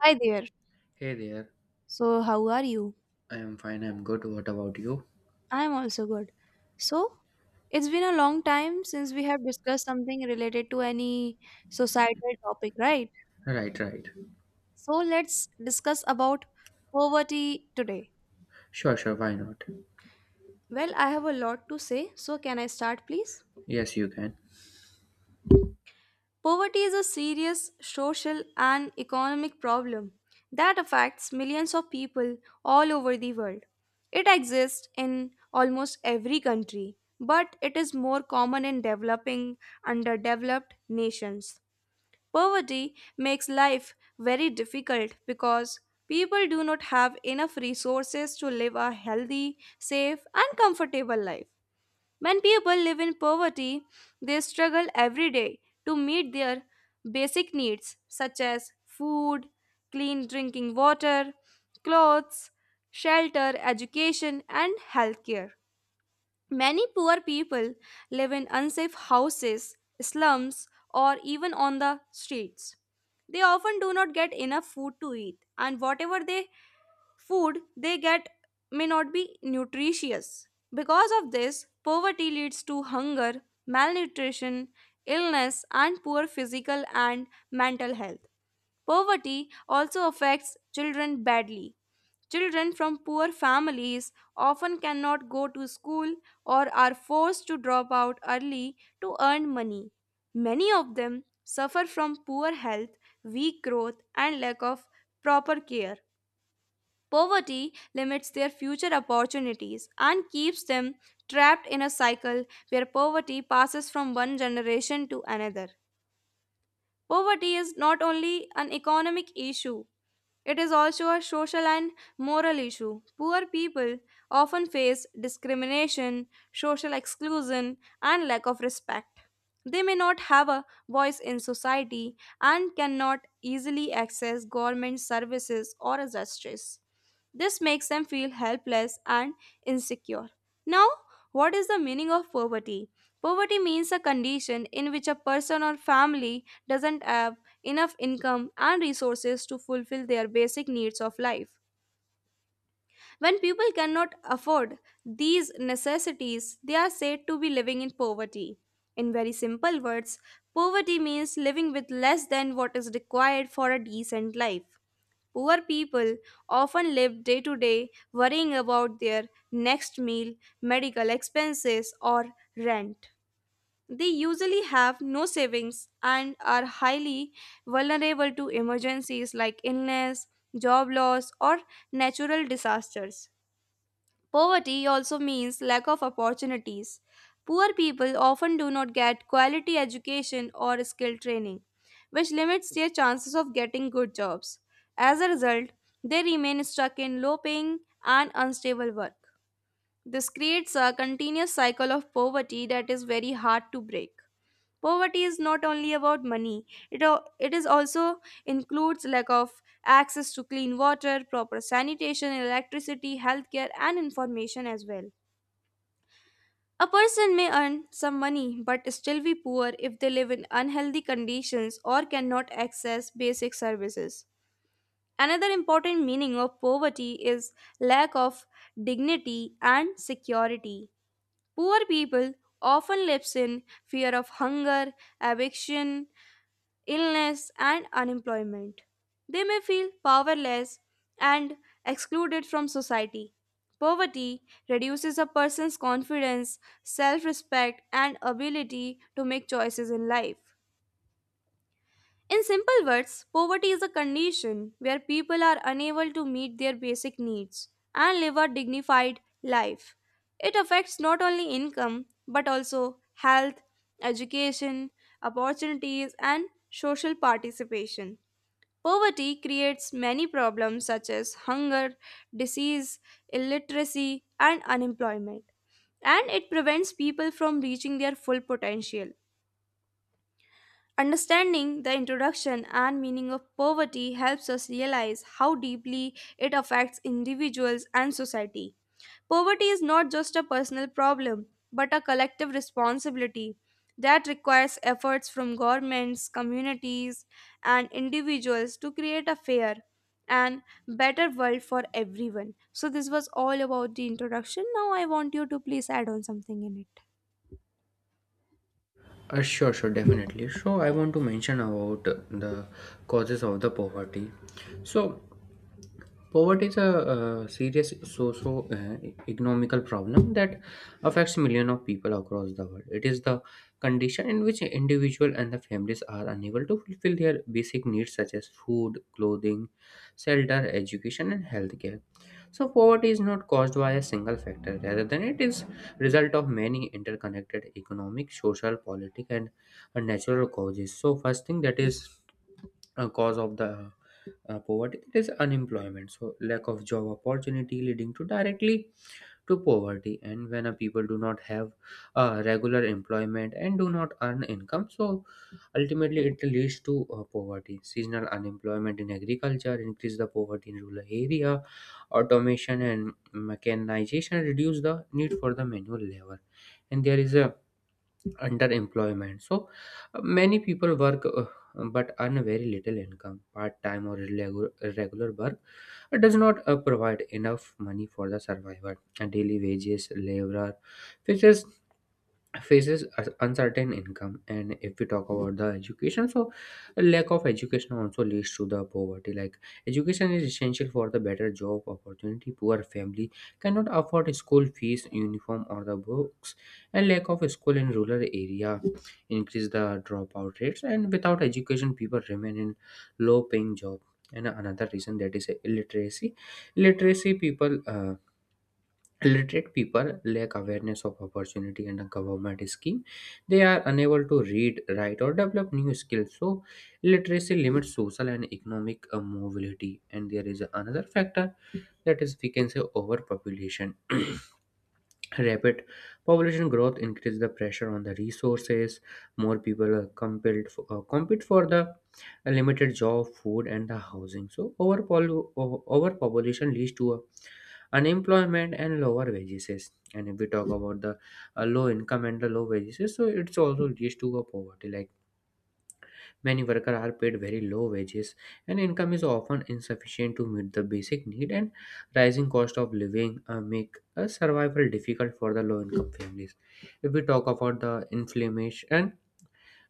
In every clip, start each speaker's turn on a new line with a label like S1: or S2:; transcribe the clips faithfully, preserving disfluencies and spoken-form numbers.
S1: Hi there.
S2: Hey there.
S1: So, how are you?
S2: I am fine. I'm good. What about you?
S1: I'm also good. So, it's been a long time since we have discussed something related to any societal topic, right?
S2: Right, right.
S1: So, let's discuss about poverty today.
S2: Sure, sure. Why not?
S1: Well, I have a lot to say. So, can I start, please?
S2: Yes, you can.
S1: Poverty is a serious social and economic problem that affects millions of people all over the world. It exists in almost every country, but it is more common in developing, underdeveloped nations. Poverty makes life very difficult because people do not have enough resources to live a healthy, safe, and comfortable life. When people live in poverty, they struggle every day to meet their basic needs such as food, clean drinking water, clothes, shelter, education, and healthcare. Many poor people live in unsafe houses, slums, or even on the streets. They often do not get enough food to eat, and whatever they food they get may not be nutritious. Because of this, poverty leads to hunger, malnutrition, illness, and poor physical and mental health. Poverty also affects children badly. Children from poor families often cannot go to school or are forced to drop out early to earn money. Many of them suffer from poor health, weak growth, and lack of proper care. Poverty limits their future opportunities and keeps them trapped in a cycle where poverty passes from one generation to another. Poverty is not only an economic issue, it is also a social and moral issue. Poor people often face discrimination, social exclusion, and lack of respect. They may not have a voice in society and cannot easily access government services or justice. This makes them feel helpless and insecure. Now, what is the meaning of poverty? Poverty means a condition in which a person or family doesn't have enough income and resources to fulfill their basic needs of life. When people cannot afford these necessities, they are said to be living in poverty. In very simple words, poverty means living with less than what is required for a decent life. Poor people often live day to day worrying about their next meal, medical expenses, or rent. They usually have no savings and are highly vulnerable to emergencies like illness, job loss, or natural disasters. Poverty also means lack of opportunities. Poor people often do not get quality education or skill training, which limits their chances of getting good jobs. As a result, they remain stuck in low paying and unstable work. This creates a continuous cycle of poverty that is very hard to break. Poverty is not only about money, it, al- it is also includes lack of access to clean water, proper sanitation, electricity, healthcare, and information as well. A person may earn some money but still be poor if they live in unhealthy conditions or cannot access basic services. Another important meaning of poverty is lack of dignity and security. Poor people often lives in fear of hunger, eviction, illness, and unemployment. They may feel powerless and excluded from society. Poverty reduces a person's confidence, self respect, and ability to make choices in life. In simple words, poverty is a condition where people are unable to meet their basic needs and live a dignified life. It affects not only income but also health, education, opportunities, and social participation. Poverty creates many problems such as hunger, disease, illiteracy, and unemployment, and it prevents people from reaching their full potential. Understanding the introduction and meaning of poverty helps us realize how deeply it affects individuals and society. Poverty is not just a personal problem, but a collective responsibility that requires efforts from governments, communities, and individuals to create a fair and better world for everyone. So, this was all about the introduction. Now, I want you to please add on something in it.
S2: Uh, sure, sure. Definitely. So, I want to mention about the causes of the poverty. So, poverty is a uh, serious socio uh, economical problem that affects millions of people across the world. It is the condition in which individual and the families are unable to fulfill their basic needs such as food, clothing, shelter, education, and healthcare. So poverty is not caused by a single factor, rather than it is result of many interconnected economic, social, political, and uh, natural causes. So first thing that is a cause of the uh, poverty that is unemployment. So lack of job opportunity leading to directly to poverty. And when a people do not have uh, regular employment and do not earn income, so ultimately it leads to uh, poverty. Seasonal unemployment in agriculture increase the poverty in rural area. Automation and mechanization reduce the need for the manual labor. And there is a underemployment. So uh, many people work uh, but earn very little income. Part time or irregular, irregular work uh, does not uh, provide enough money for the survival. And daily wages, laborer, fixes faces a- uncertain income. And if we talk about the education, so lack of education also leads to the poverty. Like education is essential for the better job opportunity. Poor family cannot afford school fees, uniform, or the books, and lack of school in rural area increase the dropout rates. And without education people remain in low paying job. And another reason that is illiteracy. Literacy people uh, Illiterate people lack awareness of opportunity and a government scheme. They are unable to read, write, or develop new skills. So, literacy limits social and economic uh, mobility. And there is another factor that is, we can say, overpopulation. Rapid population growth increased the pressure on the resources. More people are compelled for, uh, compete for the uh, limited job, food, and the housing. So overpol- o- overpopulation leads to a unemployment and lower wages. And if we talk about the uh, low income and the low wages, so it's also leads to a poverty. Like many workers are paid very low wages, and income is often insufficient to meet the basic need. And rising cost of living uh, make a survival difficult for the low-income families. If we talk about the inflammation and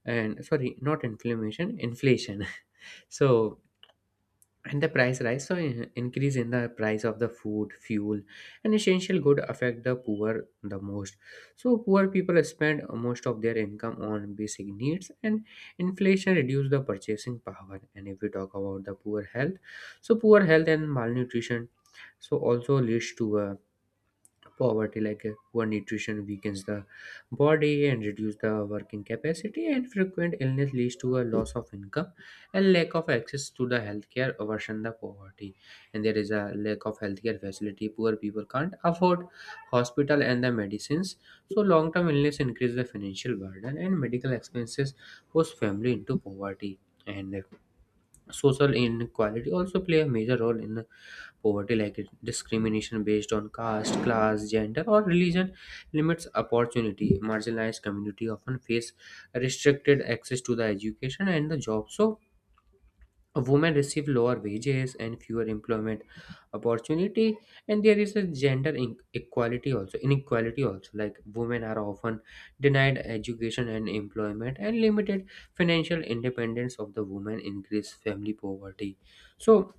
S2: and sorry, not inflammation, inflation. So and the price rise, so in- increase in the price of the food, fuel, and essential good affect the poor the most. So poor people spend most of their income on basic needs, and inflation reduce the purchasing power. And if we talk about the poor health, so poor health and malnutrition so also leads to a poverty. Like uh, poor nutrition weakens the body and reduce the working capacity, and frequent illness leads to a loss of income, and lack of access to the healthcare worsen the poverty. And there is a lack of healthcare facility. Poor people can't afford hospital and the medicines. So long term illness increase the financial burden, and medical expenses push family into poverty. And uh, social inequality also play a major role in poverty. Like it- discrimination based on caste, class, gender, or religion, limits opportunity. Marginalized community often face restricted access to the education and the job. So, women receive lower wages and fewer employment opportunity. And there is a gender inequality also, inequality also. Like women are often denied education and employment, and limited financial independence of the women increase family poverty. So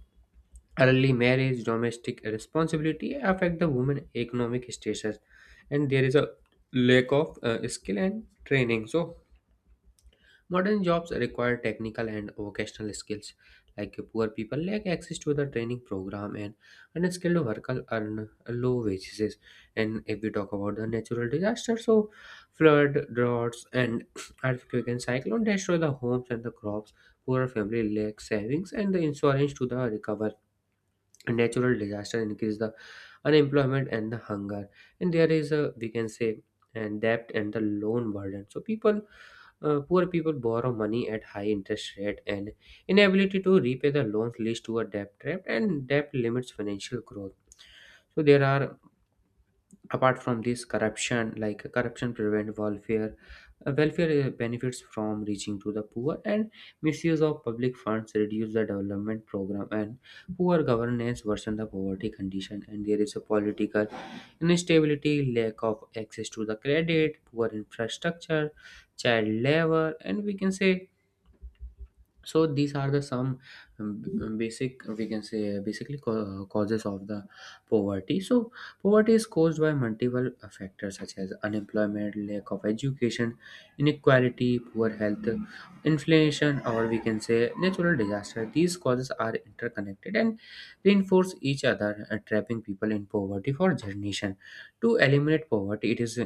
S2: early marriage, domestic responsibility affect the women economic status. And there is a lack of uh, skill and training. So modern jobs require technical and vocational skills. Like poor people lack access to the training program, and unskilled workers earn low wages. And if we talk about the natural disaster, so flood, droughts, and earthquake and cyclone destroy the homes and the crops. Poor family lack savings and the insurance to the recover. Natural disaster increase the unemployment and the hunger. And there is, a we can say, and debt and the loan burden. So people uh, poor people borrow money at high interest rate, and inability to repay the loans leads to a debt trap, and debt limits financial growth. So there are, apart from this, corruption. Like corruption prevent welfare uh, welfare uh, benefits from reaching to the poor, and misuse of public funds reduce the development program, and poor governance worsen the poverty condition. And there is a political instability, lack of access to the credit, poor infrastructure, child labor, and we can say, so these are the some um, basic, we can say, basically ca- causes of the poverty. So poverty is caused by multiple uh, factors such as unemployment, lack of education, inequality, poor health, inflation, or we can say natural disaster. These causes are interconnected and reinforce each other, uh, trapping people in poverty for generation. To eliminate poverty it is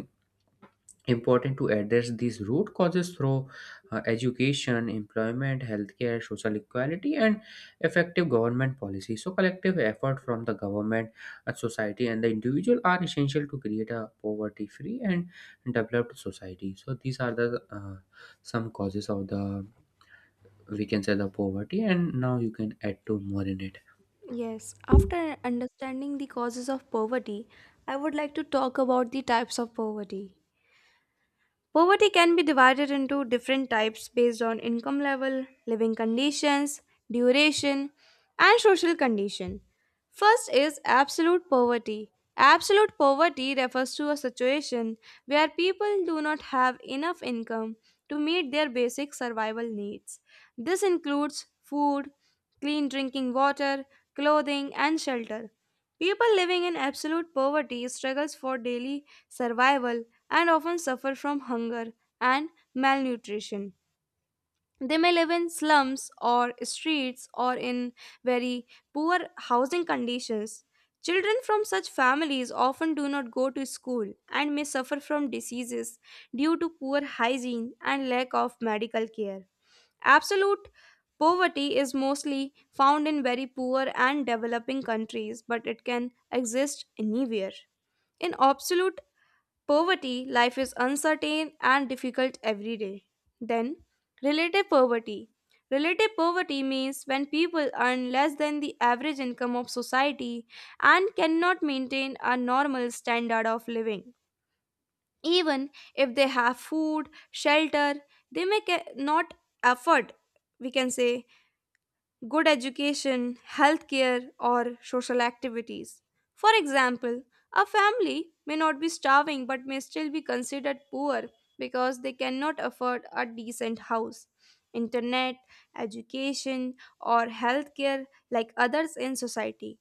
S2: important to address these root causes through uh, education, employment, healthcare, social equality, and effective government policy. So collective effort from the government, uh, society, and the individual are essential to create a poverty free and developed society. So these are the uh, some causes of the, we can say, the poverty, and now you can add to more in it.
S1: Yes, after understanding the causes of poverty, I would like to talk about the types of poverty. Poverty can be divided into different types based on income level, living conditions, duration, and social condition. First is absolute poverty. Absolute poverty refers to a situation where people do not have enough income to meet their basic survival needs. This includes food, clean drinking water, clothing, and shelter. People living in absolute poverty struggles for daily survival and often suffer from hunger and malnutrition. They may live in slums or streets or in very poor housing conditions. Children from such families often do not go to school and may suffer from diseases due to poor hygiene and lack of medical care. Absolute poverty is mostly found in very poor and developing countries, but it can exist anywhere. In absolute poverty, life is uncertain and difficult every day. Then, relative poverty. Relative poverty means when people earn less than the average income of society and cannot maintain a normal standard of living. Even if they have food, shelter, they may ca- not afford, we can say, good education, healthcare, or social activities. For example, a family may not be starving but may still be considered poor because they cannot afford a decent house. Internet, education, or healthcare, like others in society.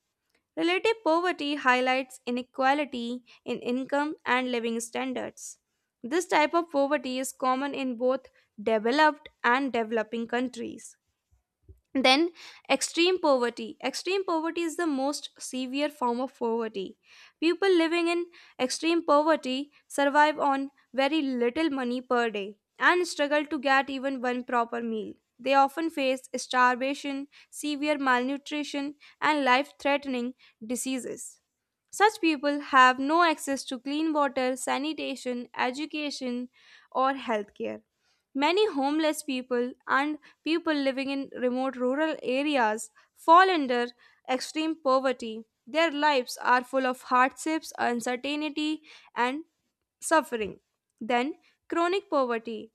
S1: Relative poverty highlights inequality in income and living standards. This type of poverty is common in both developed and developing countries. Then, extreme poverty. Extreme poverty is the most severe form of poverty. People living in extreme poverty survive on very little money per day and struggle to get even one proper meal. They often face starvation, severe malnutrition, and life threatening diseases. Such people have no access to clean water, sanitation, education, or healthcare. Many homeless people and people living in remote rural areas fall under extreme poverty. Their lives are full of hardships, uncertainty, and suffering. Then, chronic poverty.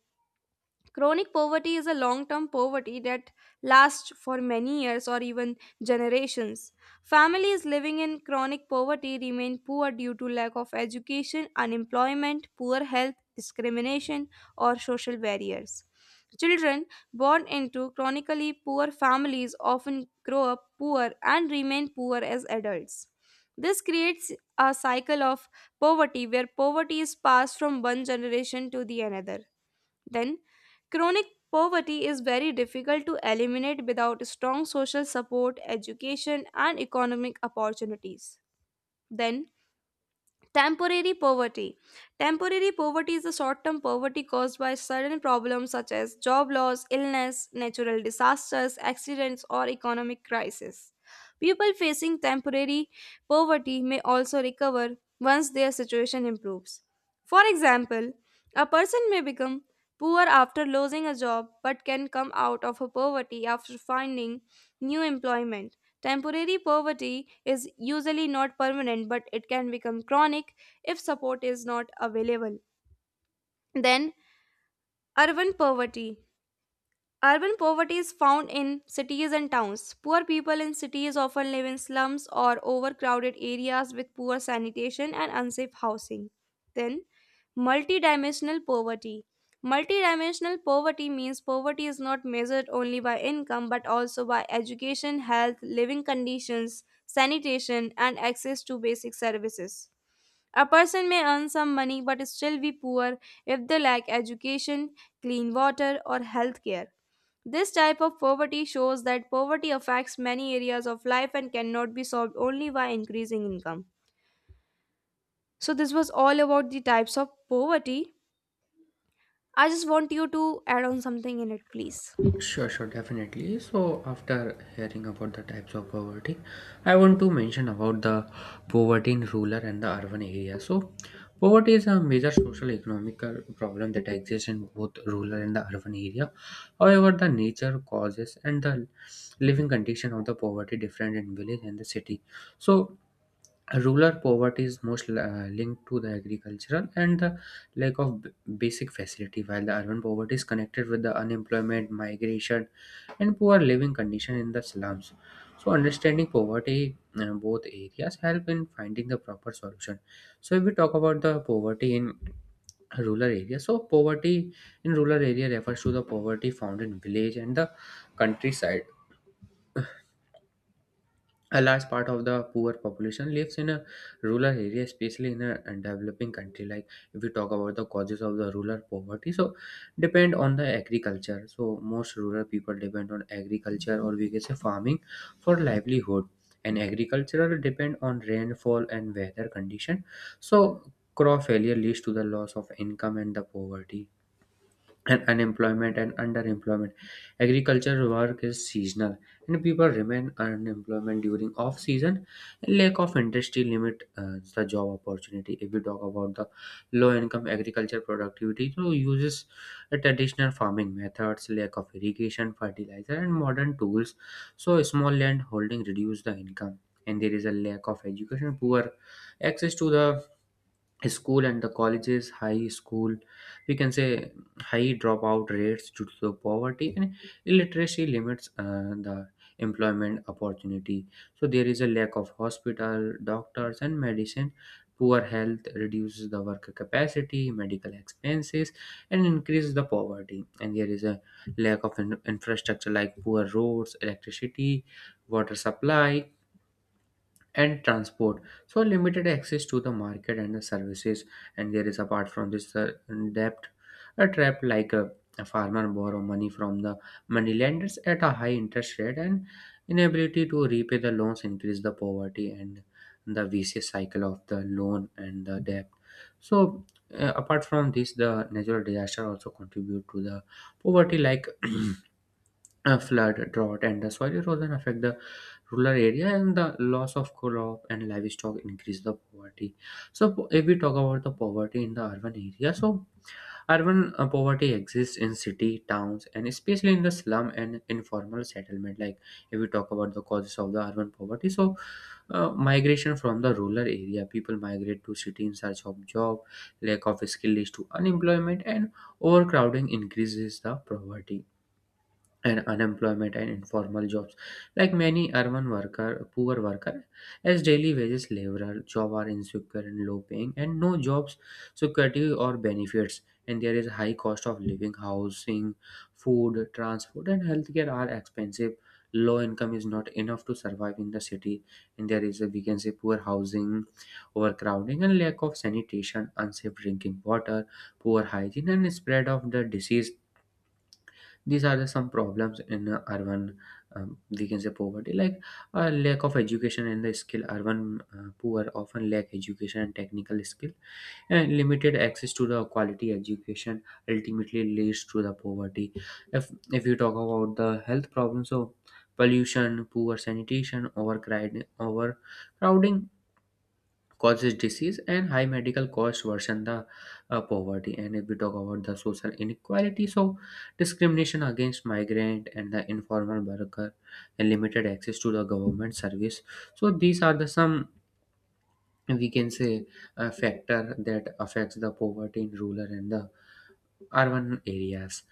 S1: Chronic poverty is a long term poverty that lasts for many years or even generations. Families living in chronic poverty remain poor due to lack of education, unemployment, poor health, discrimination, or social barriers. Children born into chronically poor families often grow up poor and remain poor as adults. This creates a cycle of poverty where poverty is passed from one generation to the another. Then, chronic poverty is very difficult to eliminate without strong social support, education, and economic opportunities. Then, temporary poverty. Temporary poverty is the short term poverty caused by sudden problems such as job loss, illness, natural disasters, accidents, or economic crisis. People facing temporary poverty may also recover once their situation improves. For example, a person may become poor after losing a job but can come out of a poverty after finding new employment. Temporary poverty is usually not permanent, but it can become chronic if support is not available. Then, urban poverty. Urban poverty is found in cities and towns. Poor people in cities often live in slums or overcrowded areas with poor sanitation and unsafe housing. Then, multidimensional poverty. Multidimensional poverty means poverty is not measured only by income but also by education, health, living conditions, sanitation, and access to basic services. A person may earn some money but still be poor if they lack education, clean water, or health care. This type of poverty shows that poverty affects many areas of life and cannot be solved only by increasing income. So, this was all about the types of poverty. I just want you to add on something in it, please.
S2: Sure, sure, definitely. So, after hearing about the types of poverty, I want to mention about the poverty in rural and the urban area. So, poverty is a major social economic problem that exists in both rural and the urban area. However, the nature, causes, and the living condition of the poverty different in village and the city. So, rural poverty is most uh, linked to the agricultural and the lack of b- basic facility, while the urban poverty is connected with the unemployment, migration, and poor living condition in the slums. So, understanding poverty in both areas help in finding the proper solution. So, if we talk about the poverty in rural areas, so poverty in rural area refers to the poverty found in village and the countryside. A large part of the poor population lives in a rural area, especially in a a developing country. Like if we talk about the causes of the rural poverty, so depend on the agriculture. So most rural people depend on agriculture, or we can say farming, for livelihood. And agricultural depend on rainfall and weather condition. So crop failure leads to the loss of income and the poverty, and unemployment and underemployment. Agriculture work is seasonal, and people remain unemployment during off season. Lack of industry limit uh, the job opportunity. If we talk about the low income agriculture productivity, so uses the traditional farming methods, lack of irrigation, fertilizer, and modern tools. So small land holding reduce the income. And there is a lack of education, poor access to the school and the colleges, high school, we can say, high dropout rates due to the poverty, and illiteracy limits uh, the employment opportunity. So there is a lack of hospital, doctors, and medicine. Poor health reduces the work capacity. Medical expenses and increases the poverty. And there is a lack of in- infrastructure like poor roads, electricity, water supply, and transport. So limited access to the market and the services. And there is, apart from this, uh, debt a trap. Like a, a farmer borrow money from the moneylenders at a high interest rate, and inability to repay the loans increase the poverty and the vicious cycle of the loan and the debt. So uh, apart from this, the natural disaster also contribute to the poverty. Like a flood, drought, and the soil erosion affect the rural area, and the loss of crop and livestock increase the poverty. So, po- if we talk about the poverty in the urban area, so urban uh, poverty exists in city, towns, and especially in the slum and informal settlement. Like, if we talk about the causes of the urban poverty, so uh, migration from the rural area, people migrate to city in search of job, lack of skill leads to unemployment, and overcrowding increases the poverty and unemployment and informal jobs, like many urban worker poor worker as daily wages laborer job are insecure and low paying and no jobs security or benefits. And there is high cost of living, housing, food, transport, and healthcare are expensive. Low income is not enough to survive in the city. And there is a, we can say, poor housing, overcrowding and lack of sanitation, unsafe drinking water, poor hygiene and spread of the disease. These are the some problems in uh, urban, um, we can say poverty, like uh, lack of education and the skill. Urban uh, poor often lack education and technical skill, and limited access to the quality education ultimately leads to the poverty. If if you talk about the health problems, so pollution, poor sanitation, overcrowding overcrowding causes disease, and high medical costs worsen the uh, poverty. And if we talk about the social inequality, so discrimination against migrant and the informal worker, and limited access to the government service. So these are the some, we can say, uh, factor that affects the poverty in rural and the urban areas.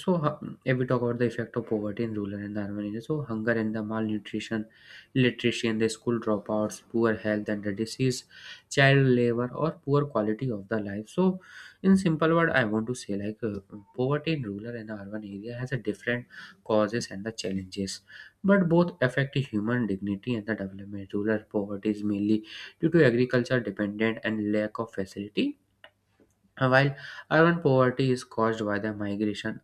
S2: So hu- if we talk about the effect of poverty in rural and urban areas, so hunger and the malnutrition, illiteracy and the school dropouts, poor health and the disease, child labor or poor quality of the life. So in simple word, I want to say, like, uh, poverty in rural and urban area has a different causes and the challenges, but both affect human dignity and the development. Rural poverty is mainly due to agriculture dependent and lack of facility, uh, while urban poverty is caused by the migration,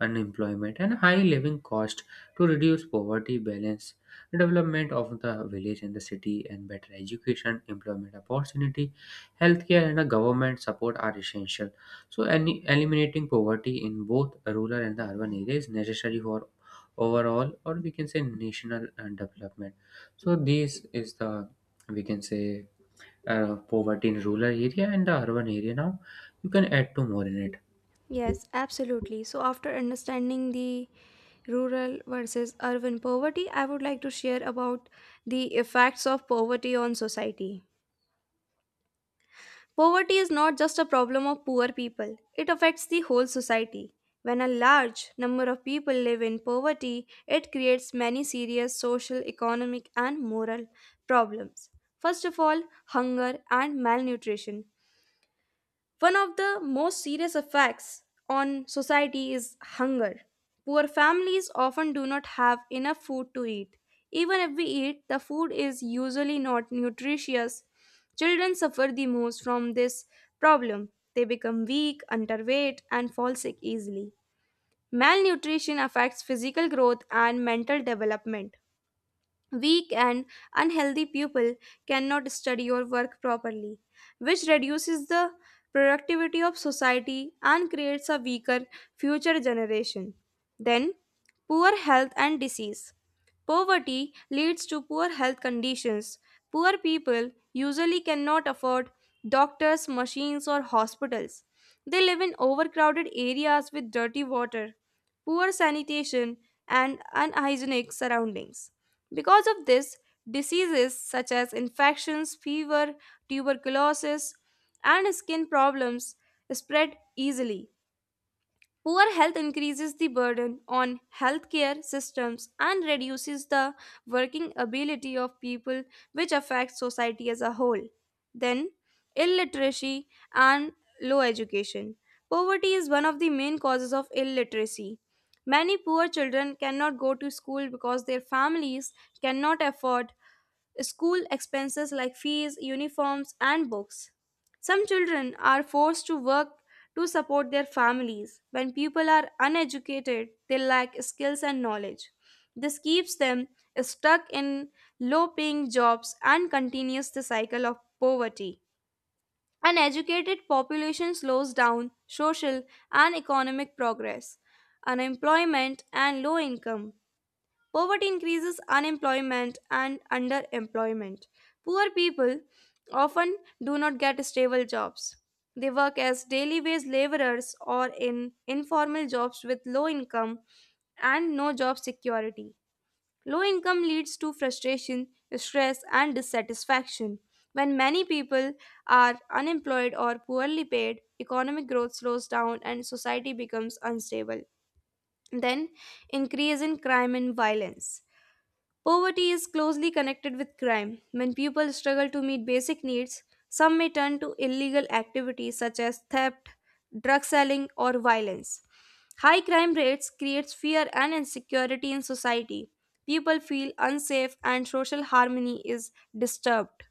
S2: unemployment, and high living cost. To reduce poverty, balance development of the village and the city, and better education, employment opportunity, healthcare, and a government support are essential. So, any, eliminating poverty in both rural and the urban area is necessary for overall, or we can say national uh, development. So this is the, we can say, uh, poverty in rural area and the urban area. Now you can add two more in it.
S1: Yes, absolutely. So, after understanding the rural versus urban poverty, I would like to share about the effects of poverty on society. Poverty is not just a problem of poor people, it affects the whole society. When a large number of people live in poverty, it creates many serious social, economic, and moral problems. First of all, hunger and malnutrition. One of the most serious effects on society is hunger. Poor families often do not have enough food to eat. Even if we eat, the food is usually not nutritious. Children suffer the most from this problem. They become weak, underweight, and fall sick easily. Malnutrition affects physical growth and mental development. Weak and unhealthy pupil cannot study or work properly, which reduces the productivity of society and creates a weaker future generation. Then, poor health and disease. Poverty leads to poor health conditions. Poor people usually cannot afford doctors, machines, or hospitals. They live in overcrowded areas with dirty water, poor sanitation, and unhygienic surroundings. Because of this, diseases such as infections, fever, tuberculosis, and skin problems spread easily. Poor health increases the burden on healthcare systems and reduces the working ability of people, which affects society as a whole. Then, illiteracy and low education. Poverty is one of the main causes of illiteracy. Many poor children cannot go to school because their families cannot afford school expenses like fees, uniforms, and books. Some children are forced to work to support their families. When people are uneducated, they lack skills and knowledge. This keeps them stuck in low paying jobs and continues the cycle of poverty. An educated population slows down social and economic progress, unemployment, and low income. Poverty increases unemployment and underemployment. Poor people often do not get stable jobs. They work as daily wage laborers or in informal jobs with low income and no job security. Low income leads to frustration, stress, and dissatisfaction. When many people are unemployed or poorly paid, economic growth slows down and society becomes unstable. Then, increase in crime and violence. Poverty is closely connected with crime. When people struggle to meet basic needs, some may turn to illegal activities such as theft, drug selling, or violence. High crime rates creates fear and insecurity in society. People feel unsafe and social harmony is disturbed.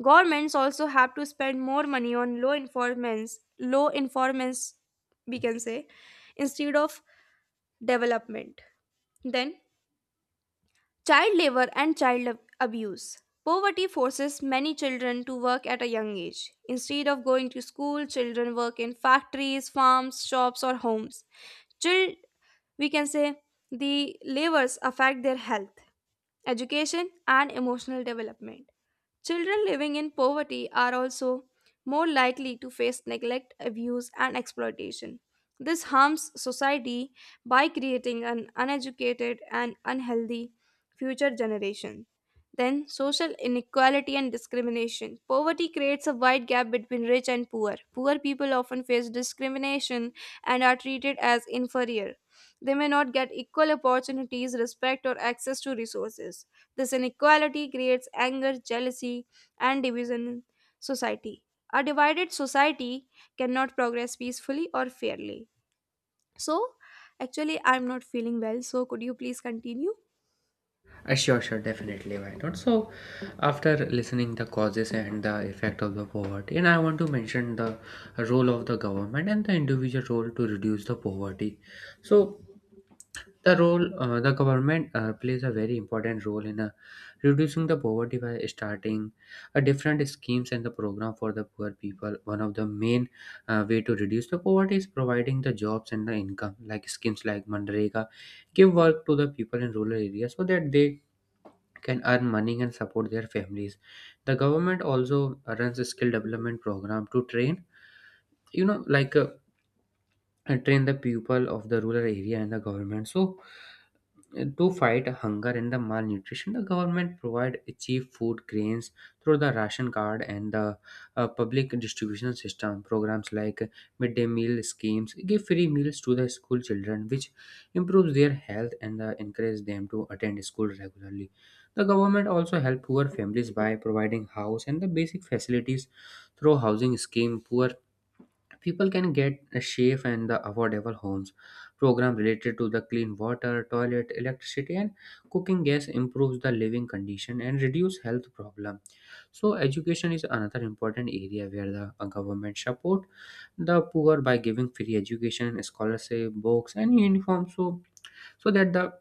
S1: Governments also have to spend more money on law enforcement, low enforcement we can say, instead of development. Then, child labor and child abuse. Poverty forces many children to work at a young age. Instead of going to school, children work in factories, farms, shops, or homes. Child, we can say, the labors affect their health, education, and emotional development. Children living in poverty are also more likely to face neglect, abuse, and exploitation. This harms society by creating an uneducated and unhealthy future generation. Then, social inequality and discrimination. Poverty creates a wide gap between rich and poor. Poor people often face discrimination and are treated as inferior. They may not get equal opportunities, respect, or access to resources. This inequality creates anger, jealousy, and division in society. A divided society cannot progress peacefully or fairly. So, actually, I'm not feeling well. So, could you please continue?
S2: uh, Sure, sure, definitely, why not? So after listening the causes and the effect of the poverty, and I want to mention the role of the government and the individual role to reduce the poverty. So the role, uh, the government uh, plays a very important role in uh, reducing the poverty by starting uh, different schemes and the program for the poor people. One of the main uh, way to reduce the poverty is providing the jobs and the income, like schemes like Mandrega, give work to the people in rural areas so that they can earn money and support their families. The government also runs a skill development program to train, you know, like. Uh, and train the people of the rural area and the government. So uh, to fight hunger and the malnutrition, the government provide cheap food grains through the ration card and the uh, public distribution system. Programs like midday meal schemes give free meals to the school children, which improves their health and uh, encourage them to attend school regularly. The government also help poor families by providing house and the basic facilities through housing scheme. Poor people can get a safe and the affordable homes. Programs related to the clean water, toilet, electricity, and cooking gas improves the living condition and reduce health problem. So education is another important area where the uh, government support the poor by giving free education, scholarship, books, and uniform, so so that the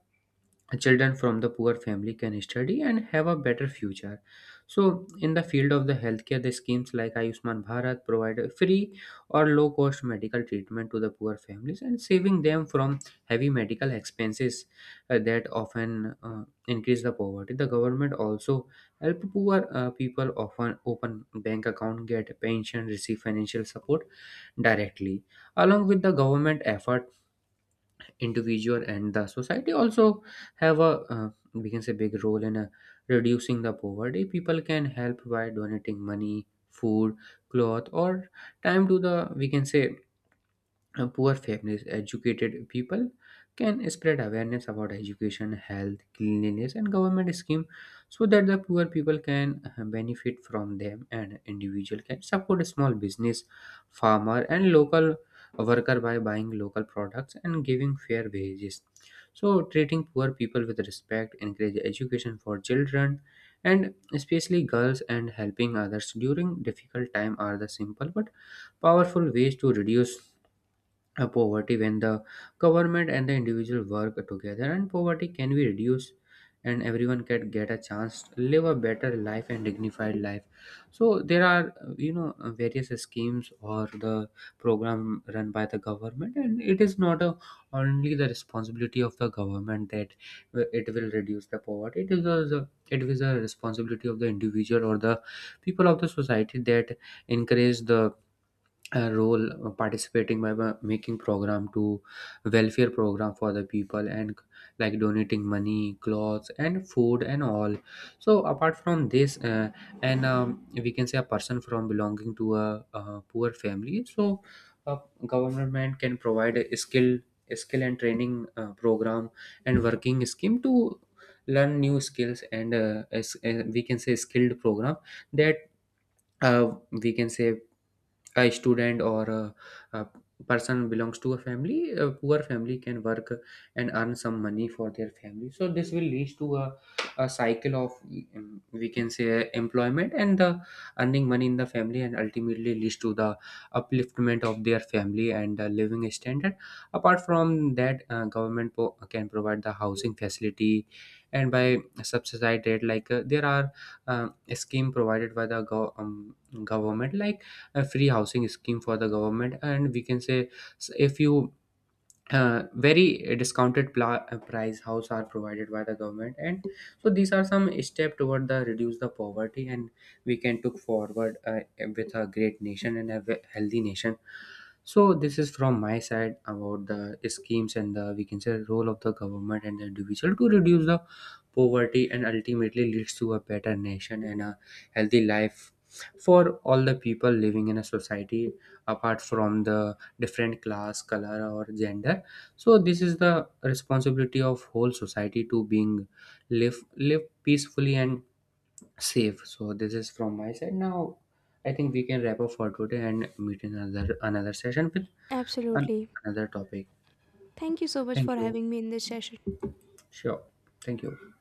S2: children from the poor family can study and have a better future. So in the field of the healthcare, the schemes like Ayushman Bharat provide a free or low cost medical treatment to the poor families and saving them from heavy medical expenses uh, that often uh, increase the poverty. The government also help poor uh, people, often open bank account, get pension, receive financial support directly. Along with the government effort, individual and the society also have a, uh, we can say, big role in uh, reducing the poverty. People can help by donating money, food, cloth, or time to the, we can say, uh, poor families. Educated people can spread awareness about education, health, cleanliness, and government scheme, so that the poor people can uh, benefit from them. And individual can support small business, farmer, and local worker by buying local products and giving fair wages. So treating poor people with respect, encourage education for children and especially girls, and helping others during difficult time are the simple but powerful ways to reduce uh, poverty. When the government and the individual work together, and poverty can be reduced, and everyone can get a chance to live a better life and dignified life. So there are, uh, you know uh, various schemes or the program run by the government. And it is not a, only the responsibility of the government, that uh, it will reduce the poverty. It is also, it is a responsibility of the individual or the people of the society, that encourage the uh, role, uh, participating by ma- making program to welfare program for the people, and like donating money, clothes, and food and all. So apart from this, uh, and um, we can say a person from belonging to a, uh poor family. So uh, government can provide a skill skill and training uh, program and working scheme to learn new skills, and uh, as, uh, we can say skilled program, that uh, we can say a student or a, a person belongs to a family, a poor family, can work and earn some money for their family. So this will lead to a, a cycle of, um, we can say, employment and the earning money in the family, and ultimately leads to the upliftment of their family and the living standard. Apart from that, uh, government po- can provide the housing facility and by subsidized rate, like uh, there are, um, scheme provided by the gov- um, government, like a free housing scheme for the government. And we can say, s- if you uh, very uh, discounted pla- uh, price house are provided by the government, and so these are some step toward the reduce the poverty, and we can took forward uh, with a great nation and a ve- healthy nation. So this is from my side about the schemes and the, we can say, role of the government and the individual to reduce the poverty, and ultimately leads to a better nation and a healthy life for all the people living in a society, apart from the different class, color, or gender. So this is the responsibility of whole society to being live live peacefully and safe. So this is from my side. Now I think we can wrap up for today and meet in another another session with an,
S1: Absolutely.
S2: another topic.
S1: Thank you so much for
S2: Thank you.
S1: having me in this session.
S2: Sure. Thank you.